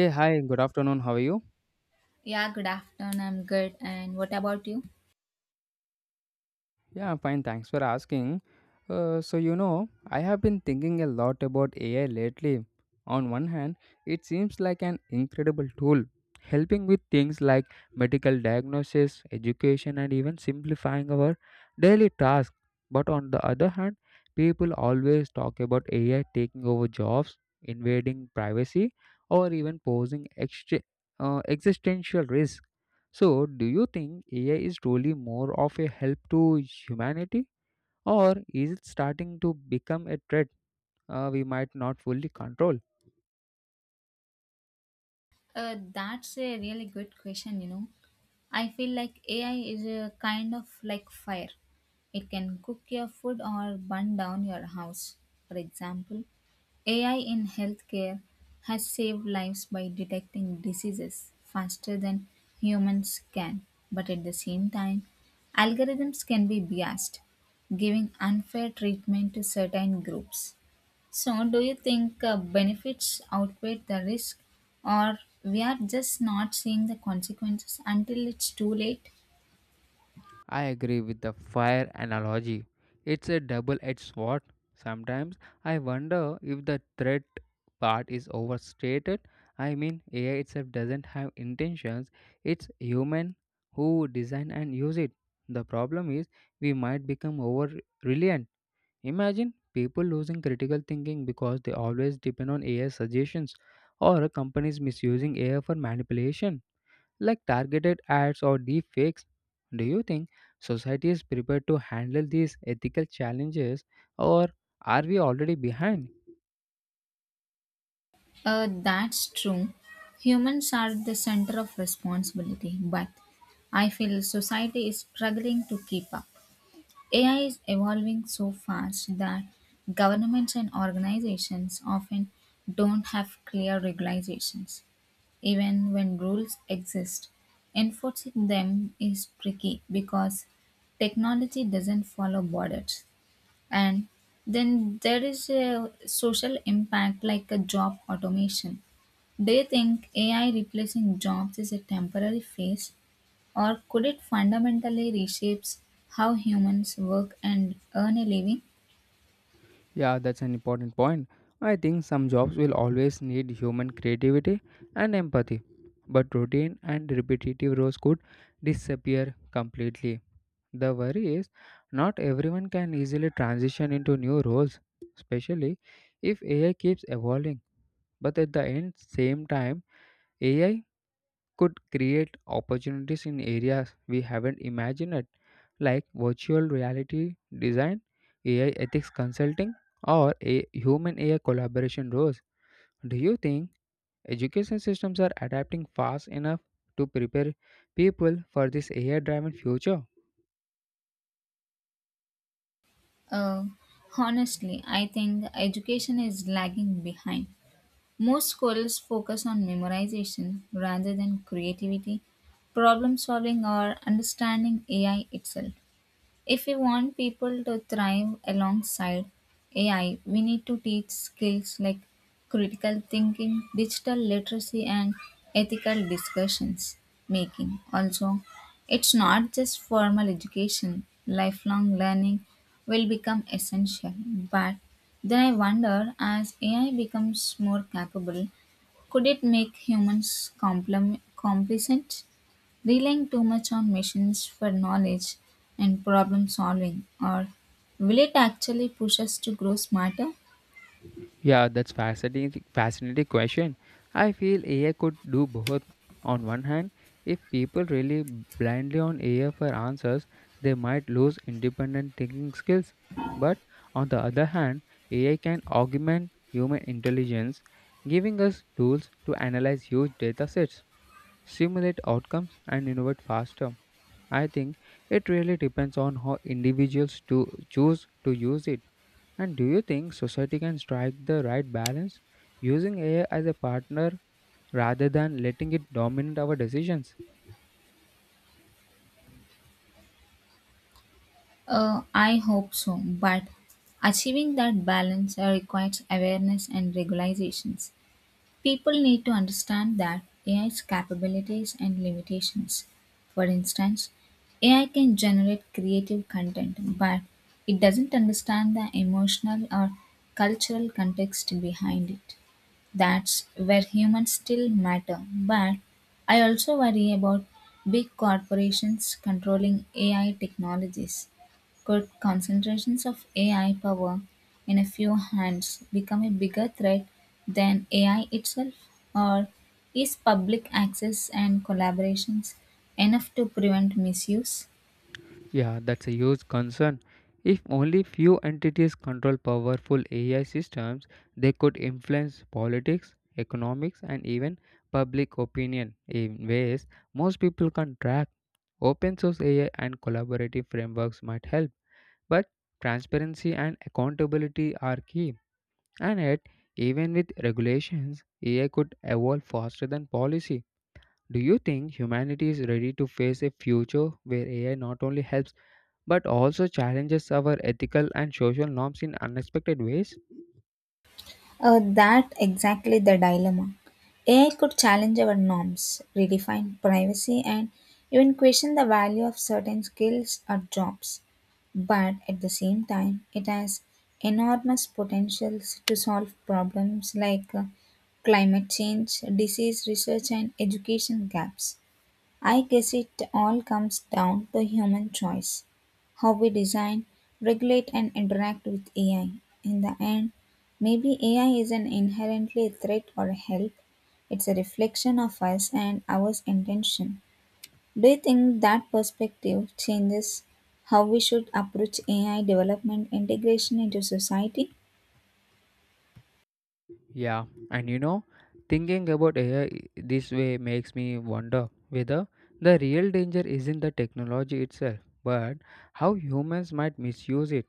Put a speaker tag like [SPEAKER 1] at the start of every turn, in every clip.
[SPEAKER 1] Yeah, hi, good afternoon. How are you?
[SPEAKER 2] Yeah, good afternoon. I'm good. And what about you?
[SPEAKER 1] Yeah, I'm fine. Thanks for asking. I have been thinking a lot about AI lately. On one hand, it seems like an incredible tool, helping with things like medical diagnosis, education, and even simplifying our daily tasks. But on the other hand, people always talk about AI taking over jobs, invading privacy, or even posing existential risks. So, do you think AI is truly more of a help to humanity, or is it starting to become a threat we might not fully control?
[SPEAKER 2] That's a really good question, you know. I feel like AI is a kind of like fire. It can cook your food or burn down your house. For example, AI in healthcare has saved lives by detecting diseases faster than humans can. But at the same time, algorithms can be biased, giving unfair treatment to certain groups. So, do you think benefits outweigh the risk, or we are just not seeing the consequences until it's too late?
[SPEAKER 1] I agree with the fire analogy. It's a double edged sword. Sometimes I wonder if the threat part is overstated. I mean, AI itself doesn't have intentions, it's human who design and use it. The problem is we might become over reliant. Imagine people losing critical thinking because they always depend on AI suggestions, or companies misusing AI for manipulation, like targeted ads or deep fakes. Do you think society is prepared to handle these ethical challenges, or are we already behind?
[SPEAKER 2] That's true. Humans are the center of responsibility, but I feel society is struggling to keep up. AI is evolving so fast that governments and organizations often don't have clear regulations. Even when rules exist, enforcing them is tricky because technology doesn't follow borders. And then there is a social impact like a job automation. They think AI replacing jobs is a temporary phase, or could it fundamentally reshapes how humans work and earn a living?
[SPEAKER 1] Yeah, that's an important point. I think some jobs will always need human creativity and empathy, but routine and repetitive roles could disappear completely. The worry is not everyone can easily transition into new roles, especially if AI keeps evolving. But at the end, same time, AI could create opportunities in areas we haven't imagined, it, like virtual reality design, AI ethics consulting, or a human AI collaboration roles. Do you think education systems are adapting fast enough to prepare people for this AI-driven future?
[SPEAKER 2] Uh, Honestly, I think education is lagging behind. Most schools focus on memorization rather than creativity, problem solving, or understanding AI itself. If we want people to thrive alongside AI, we need to teach skills like critical thinking, digital literacy, and ethical discussions making. Also, it's not just formal education, lifelong learning will become essential. But then I wonder as AI becomes more capable, could it make humans complacent? Relying too much on machines for knowledge and problem solving, or will it actually push us to grow smarter?
[SPEAKER 1] Yeah, that's fascinating fascinating question. I feel AI could do both. On one hand, if people really blindly on AI for answers, they might lose independent thinking skills. But on the other hand, AI can augment human intelligence, giving us tools to analyze huge data sets, simulate outcomes, and innovate faster. I think it really depends on how individuals to choose to use it. And do you think society can strike the right balance, using AI as a partner rather than letting it dominate our decisions?
[SPEAKER 2] I hope so, but achieving that balance requires awareness and regulations. People need to understand that AI's capabilities and limitations. For instance, AI can generate creative content, but it doesn't understand the emotional or cultural context behind it. That's where humans still matter, but I also worry about big corporations controlling AI technologies. Could concentrations of AI power in a few hands become a bigger threat than AI itself? Or is public access and collaborations enough to prevent misuse?
[SPEAKER 1] Yeah, that's a huge concern. If only few entities control powerful AI systems, they could influence politics, economics, and even public opinion in ways most people can't track. Open source AI and collaborative frameworks might help, but transparency and accountability are key. And yet, even with regulations, AI could evolve faster than policy. Do you think humanity is ready to face a future where AI not only helps but also challenges our ethical and social norms in unexpected ways?
[SPEAKER 2] That exactly the dilemma. AI could challenge our norms, redefine privacy, and even question the value of certain skills or jobs. But at the same time, it has enormous potentials to solve problems like climate change, disease research, and education gaps. I guess it all comes down to human choice, how we design, regulate, and interact with AI. In the end, maybe AI isn't inherently a threat or a help, it's a reflection of us and our intention. Do you think that perspective changes how we should approach AI development integration into society?
[SPEAKER 1] Yeah, and you know, thinking about AI this way makes me wonder whether the real danger isn't the technology itself, but how humans might misuse it.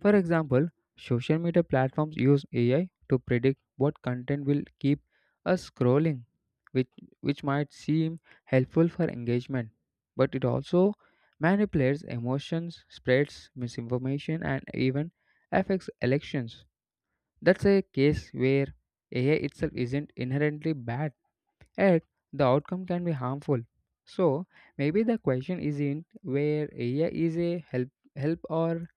[SPEAKER 1] For example, social media platforms use AI to predict what content will keep us scrolling, which, which might seem helpful for engagement, but it also manipulates emotions, spreads misinformation, and even affects elections. That's a case where AI itself isn't inherently bad, yet the outcome can be harmful. So maybe the question isn't where AI is a help or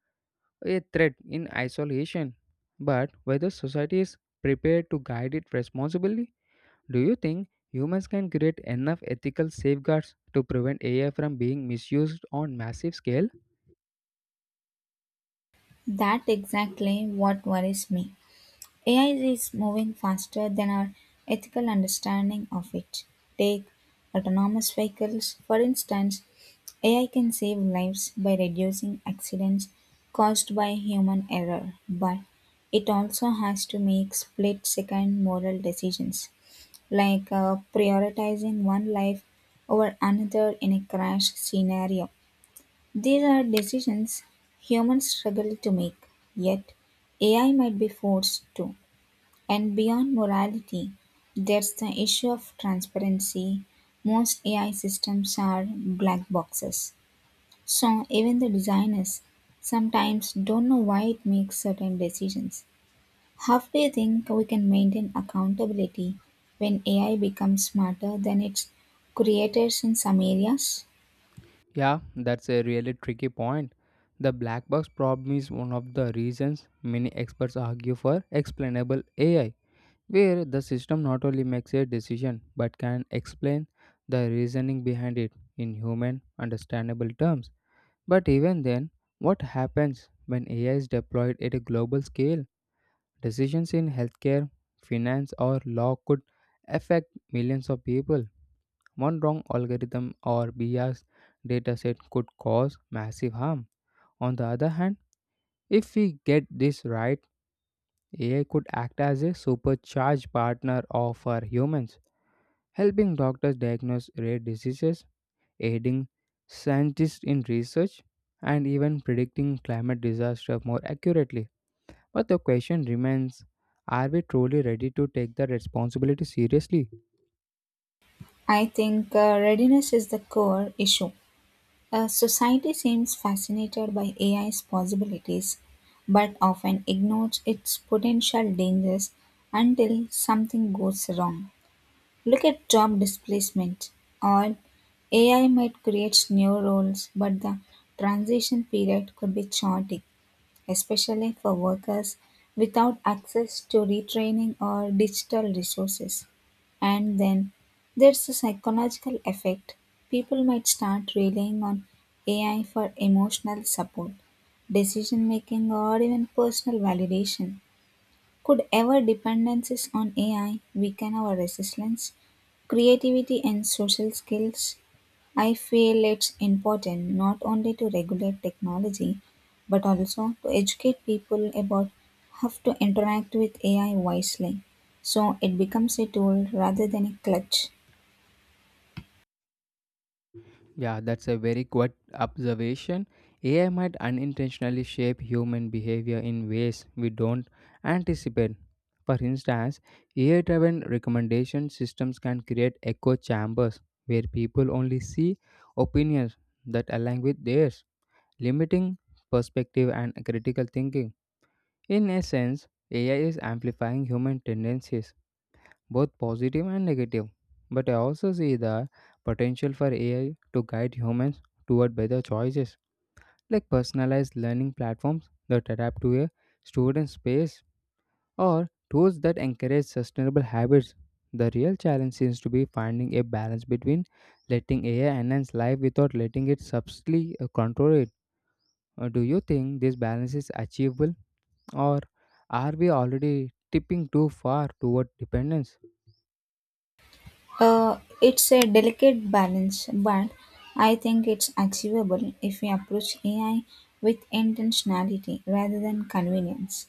[SPEAKER 1] a threat in isolation, but whether society is prepared to guide it responsibly. Do you think humans can create enough ethical safeguards to prevent AI from being misused on massive scale?
[SPEAKER 2] That exactly what worries me. AI is moving faster than our ethical understanding of it. Take autonomous vehicles, for instance. AI can save lives by reducing accidents caused by human error, but it also has to make split second moral decisions, like prioritizing one life over another in a crash scenario. These are decisions humans struggle to make, yet AI might be forced to. And beyond morality, there's the issue of transparency. Most AI systems are black boxes. So even the designers sometimes don't know why it makes certain decisions. How do you think we can maintain accountability when AI becomes smarter than its creators in some areas?
[SPEAKER 1] Yeah, that's a really tricky point. The black box problem is one of the reasons many experts argue for explainable AI, where the system not only makes a decision but can explain the reasoning behind it in human understandable terms. But even then, what happens when AI is deployed at a global scale? Decisions in healthcare, finance, or law could affect millions of people. One wrong algorithm or biased dataset could cause massive harm. On the other hand, if we get this right, AI could act as a supercharged partner of our humans, helping doctors diagnose rare diseases, aiding scientists in research, and even predicting climate disaster more accurately. But the question remains, are we truly ready to take the responsibility seriously?
[SPEAKER 2] I think readiness is the core issue. Society seems fascinated by AI's possibilities, but often ignores its potential dangers until something goes wrong. Look at job displacement, or AI might create new roles, but the transition period could be short especially for workers without access to retraining or digital resources. And then there's a psychological effect. People might start relying on AI for emotional support, decision making, or even personal validation. Could our dependencies on AI weaken our resilience, creativity, and social skills? I feel it's important not only to regulate technology but also to educate people about how to interact with AI wisely so it becomes a tool rather than a clutch.
[SPEAKER 1] Yeah, that's a very good observation. AI might unintentionally shape human behavior in ways we don't anticipate. For instance, AI driven recommendation systems can create echo chambers where people only see opinions that align with theirs, limiting perspective and critical thinking. In a sense, AI is amplifying human tendencies, both positive and negative. But I also see the potential for AI to guide humans toward better choices, like personalized learning platforms that adapt to a student's pace, or tools that encourage sustainable habits. The real challenge seems to be finding a balance between letting AI enhance life without letting it subtly control it. Do you think this balance is achievable, or are we already tipping too far toward dependence?
[SPEAKER 2] It's a delicate balance, but I think it's achievable if we approach AI with intentionality rather than convenience.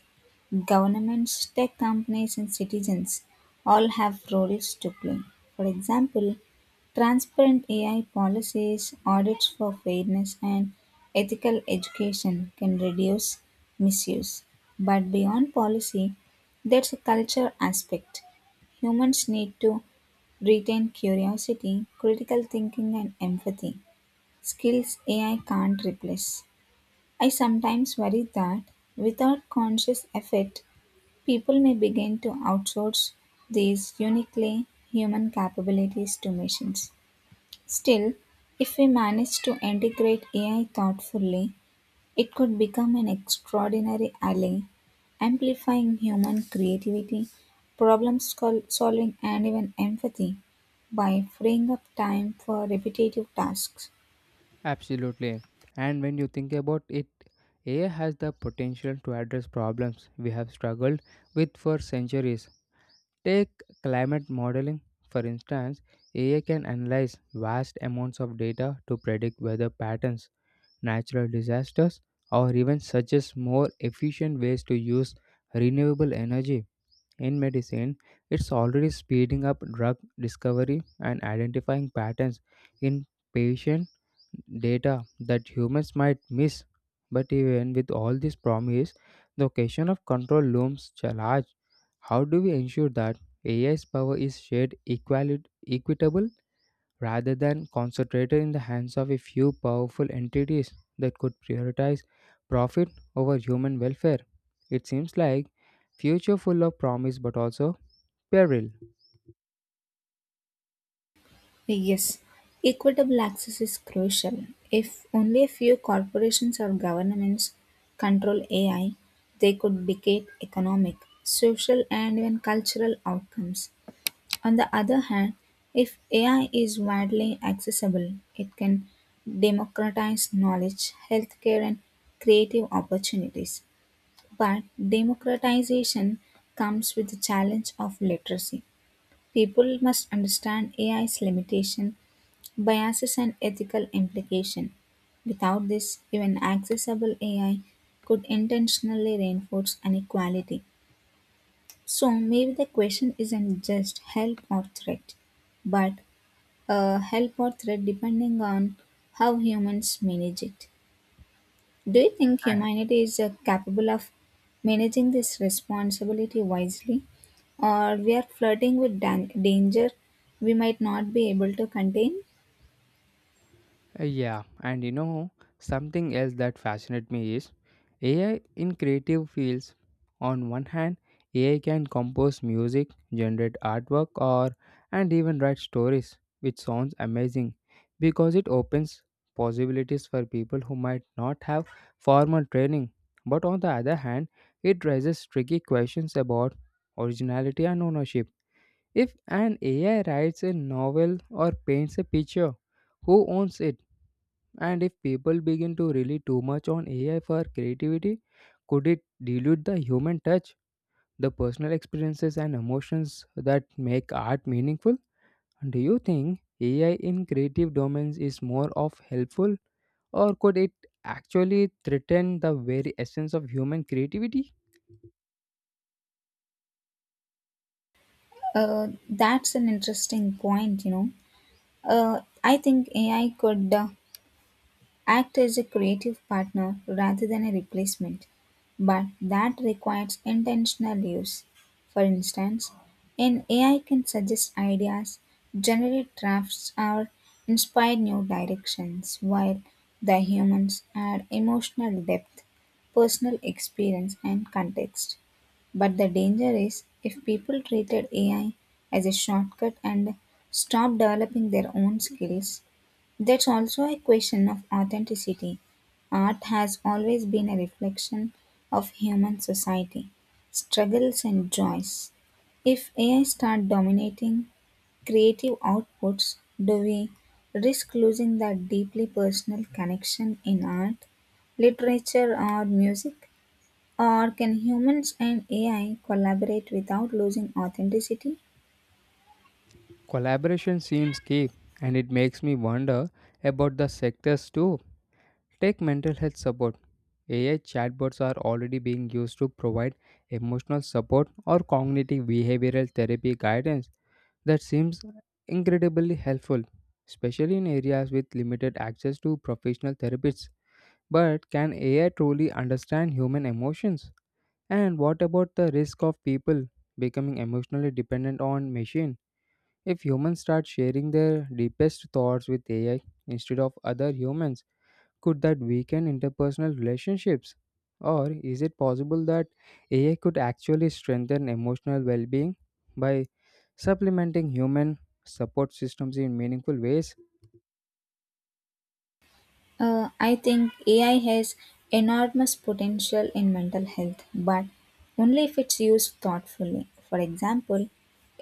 [SPEAKER 2] Governments, tech companies, and citizens all have roles to play. For example, transparent AI policies, audits for fairness, and ethical education can reduce misuse. But beyond policy, there's a culture aspect humans need to retain curiosity, critical thinking, and empathy, skills AI can't replace. I sometimes worry that without conscious effort, people may begin to outsource these uniquely human capabilities to machines. Still, if we manage to integrate AI thoughtfully, it could become an extraordinary ally, amplifying human creativity, solving, and even empathy by freeing up time for repetitive tasks.
[SPEAKER 1] Absolutely. And when you think about it, AI has the potential to address problems we have struggled with for centuries. Take climate modeling, for instance, AI can analyze vast amounts of data to predict weather patterns, natural disasters, or even suggest more efficient ways to use renewable energy. In medicine, it's already speeding up drug discovery and identifying patterns in patient data that humans might miss. But even with all this promise, the question of control looms large. How do we ensure that AI's power is shared equally equitable rather than concentrated in the hands of a few powerful entities that could prioritize profit over human welfare? It seems like future full of promise but also peril.
[SPEAKER 2] Yes, equitable access is crucial. If only a few corporations or governments control AI, they could dictate economic, social, and even cultural outcomes. On the other hand, if AI is widely accessible, it can democratize knowledge, healthcare, and creative opportunities. But democratization comes with the challenge of literacy. People must understand AI's limitation, biases, and ethical implication. Without this, even accessible AI could intentionally reinforce inequality. So maybe the question isn't just help or threat, but a help or threat depending on how humans manage it. Do you think humanity is capable of managing this responsibility wisely, or we are flirting with danger we might not be able to contain?
[SPEAKER 1] Yeah, and you know, something else that fascinates me is AI in creative fields. On one hand, AI can compose music, generate artwork, or and even write stories, which sounds amazing because it opens possibilities for people who might not have formal training. But on the other hand, it raises tricky questions about originality and ownership. If an AI writes a novel or paints a picture, who owns it? And if people begin to rely too much on AI for creativity, could it dilute the human touch, the personal experiences and emotions that make art meaningful? Do you think AI in creative domains is more of helpful, or could it actually threaten the very essence of human creativity?
[SPEAKER 2] That's an interesting point. You know, I think AI could. Act as a creative partner rather than a replacement, but that requires intentional use. For instance, an AI can suggest ideas, generate drafts, or inspire new directions, while the humans add emotional depth, personal experience, and context. But the danger is if people treated AI as a shortcut and stopped developing their own skills, that's also a question of authenticity. Art has always been a reflection of human society, struggles and joys. If AI start dominating creative outputs, do we risk losing that deeply personal connection in art, literature or music? Or can humans and AI collaborate without losing authenticity?
[SPEAKER 1] Collaboration seems key, and it makes me wonder about the sectors too. Take mental health support. AI chatbots are already being used to provide emotional support or cognitive behavioral therapy guidance that seems incredibly helpful, especially in areas with limited access to professional therapists. But can AI truly understand human emotions? And what about the risk of people becoming emotionally dependent on machine, if humans start sharing their deepest thoughts with AI instead of other humans? Could that weaken interpersonal relationships? Or is it possible that AI could actually strengthen emotional well being by supplementing human support systems in meaningful ways?
[SPEAKER 2] I think AI has enormous potential in mental health, but only if it's used thoughtfully. For example,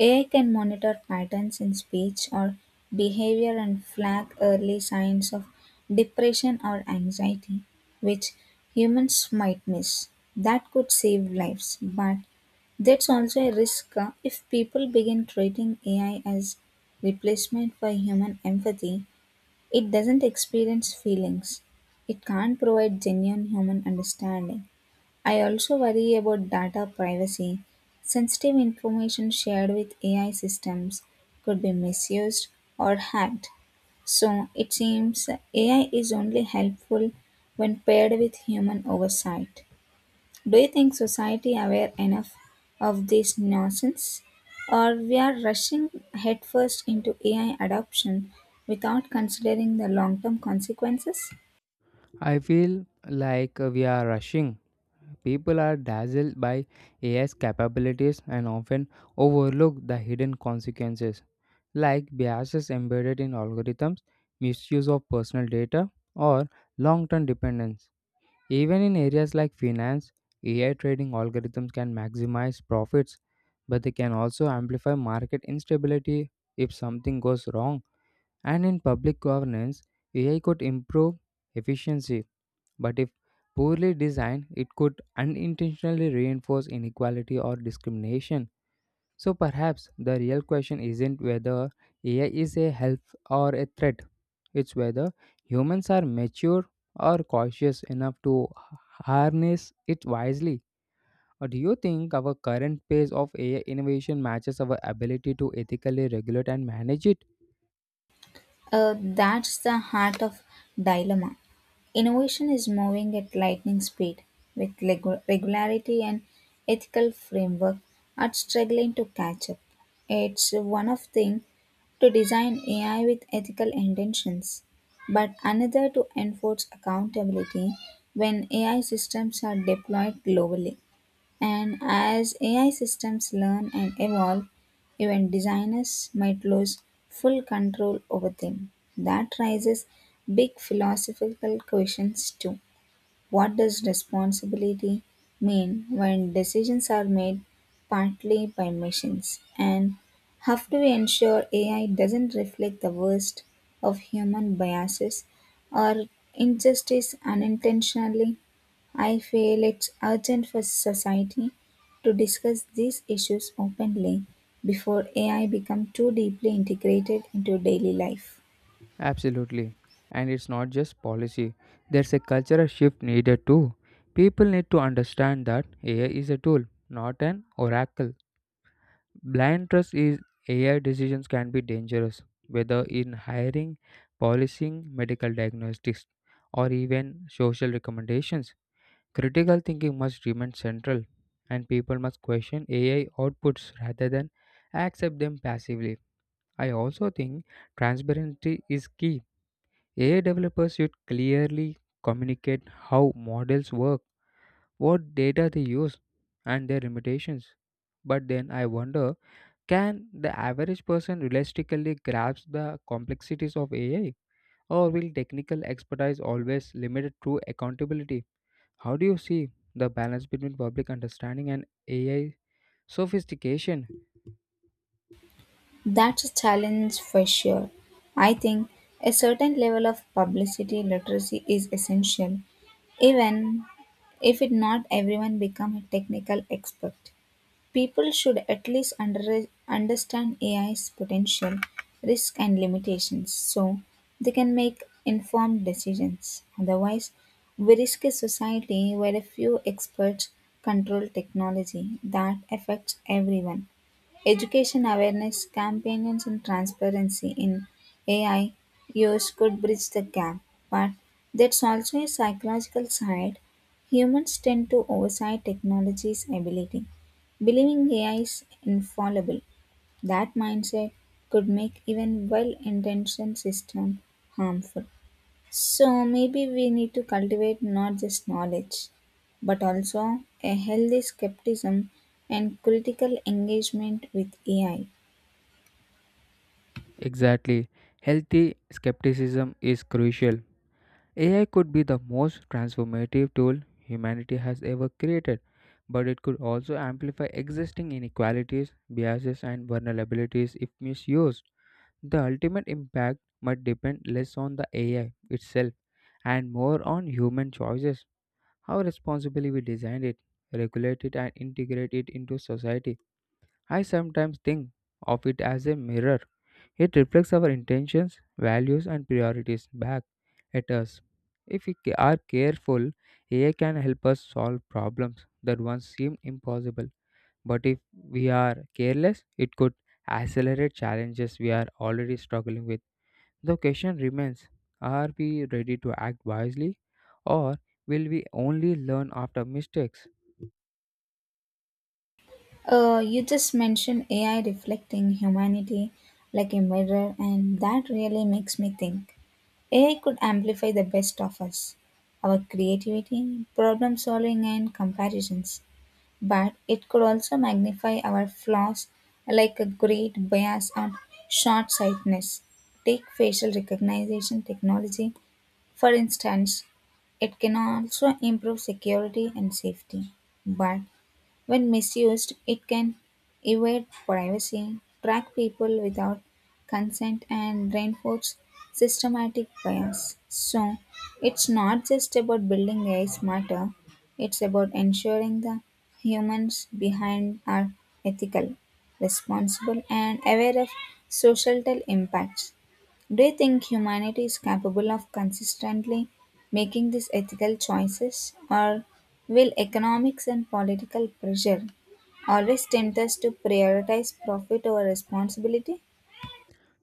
[SPEAKER 2] AI can monitor patterns in speech or behavior and flag early signs of depression or anxiety, which humans might miss. That could save lives, but that's also a risk if people begin treating AI as replacement for human empathy it doesn't experience feelings. It can't provide genuine human understanding. I also worry about data privacy. Sensitive information shared with AI systems could be misused or hacked. So it seems AI is only helpful when paired with human oversight. Do you think society aware enough of this nonsense? Or we are rushing headfirst into AI adoption without considering the long-term consequences?
[SPEAKER 1] I feel like we are rushing. People are dazzled by AI's capabilities and often overlook the hidden consequences, like biases embedded in algorithms, misuse of personal data, or long term dependence. Even in areas like finance, AI trading algorithms can maximize profits, but they can also amplify market instability if something goes wrong. And in public governance, AI could improve efficiency, but if poorly designed, it could unintentionally reinforce inequality or discrimination. So perhaps the real question isn't whether AI is a help or a threat. It's whether humans are mature or cautious enough to harness it wisely. Or do you think our current pace of AI innovation matches our ability to ethically regulate and manage it?
[SPEAKER 2] That's the heart of dilemma. Innovation is moving at lightning speed, with regularity and ethical framework are struggling to catch up. It's one of thing to design AI with ethical intentions, but another to enforce accountability when AI systems are deployed globally. And as AI systems learn and evolve, even designers might lose full control over them. That raises big philosophical questions too. What does responsibility mean when decisions are made partly by machines? And how do we ensure AI doesn't reflect the worst of human biases or injustice unintentionally? I feel it's urgent for society to discuss these issues openly before AI becomes too deeply integrated into daily life.
[SPEAKER 1] Absolutely. And it's not just policy, there's a cultural shift needed too. People need to understand that AI is a tool, not an oracle. Blind trust is AI decisions can be dangerous, whether in hiring, policing, medical diagnostics, or even social recommendations. Critical thinking must remain central, and people must question AI outputs rather than accept them passively. I also think transparency is key. AI developers should clearly communicate how models work, what data they use, and their limitations. But then I wonder, can the average person realistically grasp the complexities of AI, or will technical expertise always limit true accountability? How do you see the balance between public understanding and AI sophistication?
[SPEAKER 2] That's a challenge for sure. I think a certain level of publicity literacy is essential, even if it not everyone become a technical expert. People should at least understand AI's potential, risk and limitations so they can make informed decisions. Otherwise, we risk a society where a few experts control technology that affects everyone. Education awareness campaigns and transparency in AI use could bridge the gap, but that's also a psychological side. Humans tend to oversight technology's ability, believing AI is infallible. That mindset could make even well intentioned systems harmful. So maybe we need to cultivate not just knowledge, but also a healthy skepticism and critical engagement with AI.
[SPEAKER 1] Exactly. Healthy skepticism is crucial. AI could be the most transformative tool humanity has ever created, but it could also amplify existing inequalities, biases, and vulnerabilities if misused. The ultimate impact might depend less on the AI itself and more on human choices, how responsibly we design it, regulate it, and integrate it into society. I sometimes think of it as a mirror, it reflects our intentions, values, and priorities back at us. If we are careful, AI can help us solve problems that once seemed impossible. But if we are careless, it could accelerate challenges we are already struggling with. The question remains, are we ready to act wisely, or will we only learn after mistakes?
[SPEAKER 2] You just mentioned AI reflecting humanity like a mirror, and that really makes me think. AI could amplify the best of us, our creativity, problem solving, and comparisons. But it could also magnify our flaws, like a great bias or short sightedness. Take facial recognition technology, for instance, it can also improve security and safety. But when misused, it can evade privacy, track people without consent, and reinforce systematic bias. So, it's not just about building AI smarter, it's about ensuring the humans behind are ethical, responsible, and aware of societal impacts. Do you think humanity is capable of consistently making these ethical choices, or will economics and political pressure always tempt us to prioritize profit over responsibility?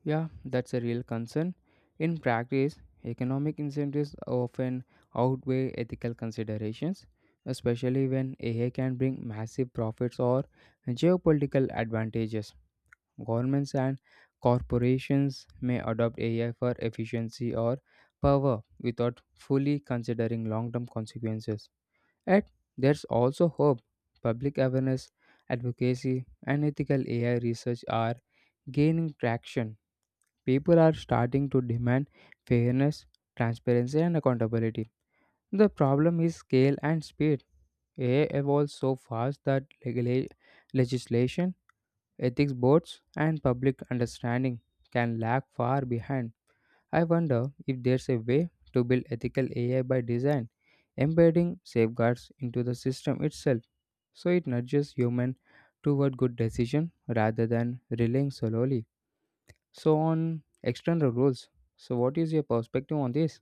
[SPEAKER 1] Yeah, that's a real concern. In practice, economic incentives often outweigh ethical considerations, especially when AI can bring massive profits or geopolitical advantages. Governments and corporations may adopt AI for efficiency or power without fully considering long term consequences. Yet, there's also hope. Public awareness, advocacy, and ethical AI research are gaining traction. People are starting to demand fairness, transparency, and accountability. The problem is scale and speed. AI evolves so fast that legislation, ethics boards, and public understanding can lag far behind. I wonder if there's a way to build ethical AI by design, embedding safeguards into the system itself so it nudges human toward good decision rather than relying solely so on external rules. So what is your perspective on this?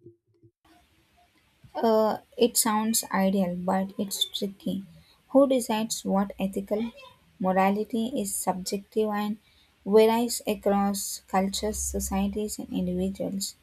[SPEAKER 2] It sounds ideal, but it's tricky. Who decides what ethical morality is subjective and varies across cultures, societies, and individuals?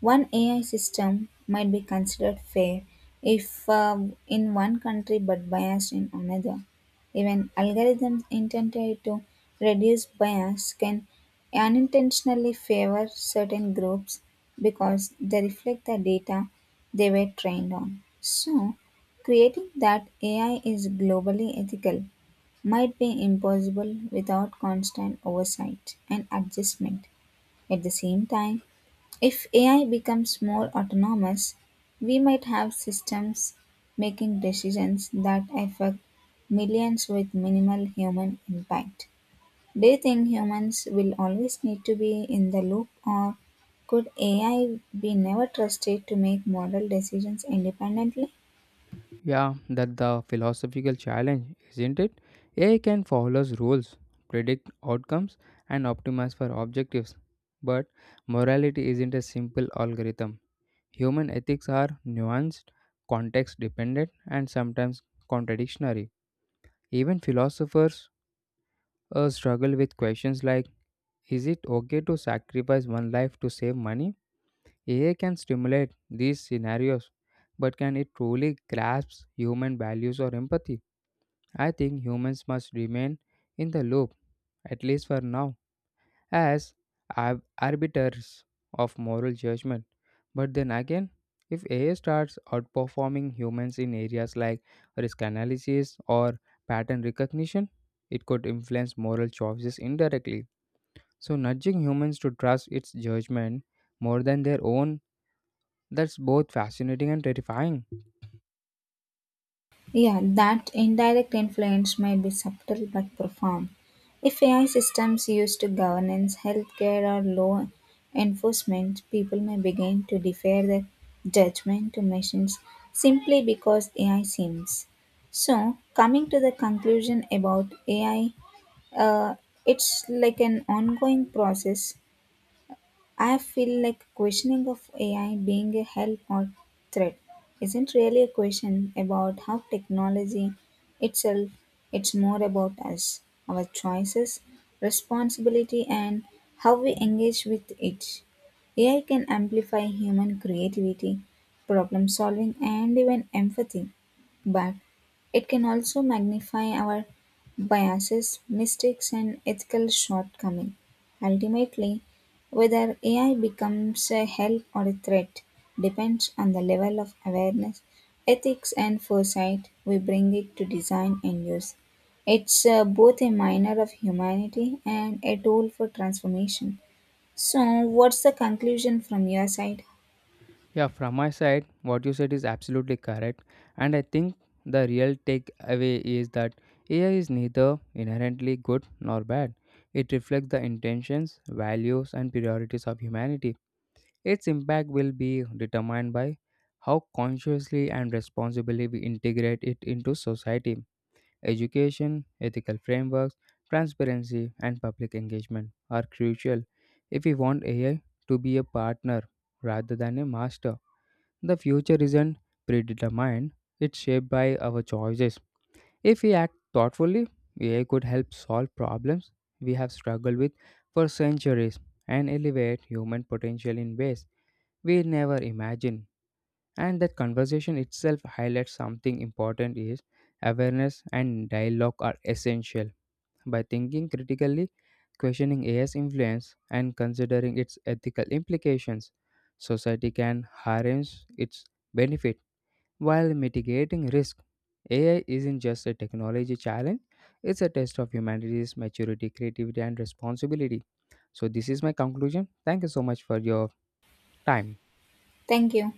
[SPEAKER 2] One AI system might be considered fair if in one country but biased in another. Even algorithms intended to reduce bias can unintentionally favor certain groups because they reflect the data they were trained on. So, creating that AI is globally ethical might be impossible without constant oversight and adjustment. At the same time, if AI becomes more autonomous, we might have systems making decisions that affect millions with minimal human impact. Do you think humans will always need to be in the loop, or could AI be never trusted to make moral decisions independently?
[SPEAKER 1] Yeah, that the philosophical challenge, isn't it? AI can follow rules, predict outcomes, and optimize for objectives. But morality isn't a simple algorithm. Human ethics are nuanced, context dependent, and sometimes contradictory. Even philosophers struggle with questions like, is it okay to sacrifice one life to save money? AI can stimulate these scenarios, but can it truly grasp human values or empathy? I think humans must remain in the loop, at least for now, as arbiters of moral judgment. But then again, if AI starts outperforming humans in areas like risk analysis or pattern recognition, it could influence moral choices indirectly. So, nudging humans to trust its judgment more than their own, that's both fascinating and terrifying.
[SPEAKER 2] Yeah, that indirect influence might be subtle but profound. If AI systems used to governance, healthcare, or law enforcement, people may begin to defer their judgment to machines simply because AI seems. So, coming to the conclusion about AI, uh, it's like an ongoing process I feel like questioning of AI being a help or threat isn't really a question about how technology itself, it's more about us, our choices, responsibility, and how we engage with it. AI can amplify human creativity, problem solving, and even empathy, but it can also magnify our biases, mistakes, and ethical shortcomings. Ultimately, whether AI becomes a help or a threat depends on the level of awareness, ethics, and foresight we bring it to design and use. It's both a miner of humanity and a tool for transformation. So, what's the conclusion from your side?
[SPEAKER 1] Yeah, from my side, what you said is absolutely correct. And I think the real takeaway is that AI is neither inherently good nor bad. It reflects the intentions, values, and priorities of humanity. Its impact will be determined by how consciously and responsibly we integrate it into society. Education, ethical frameworks, transparency, and public engagement are crucial if we want AI to be a partner rather than a master. The future isn't predetermined, it's shaped by our choices. If we act thoughtfully, AI could help solve problems we have struggled with for centuries and elevate human potential in ways we never imagined. And that conversation itself highlights something important is awareness and dialogue are essential. By thinking critically, questioning AI's influence, and considering its ethical implications, society can harness its benefit while mitigating risk. AI isn't just a technology challenge, it's a test of humanity's maturity, creativity, and responsibility. So, this is my conclusion. Thank you so much for your time.
[SPEAKER 2] Thank you.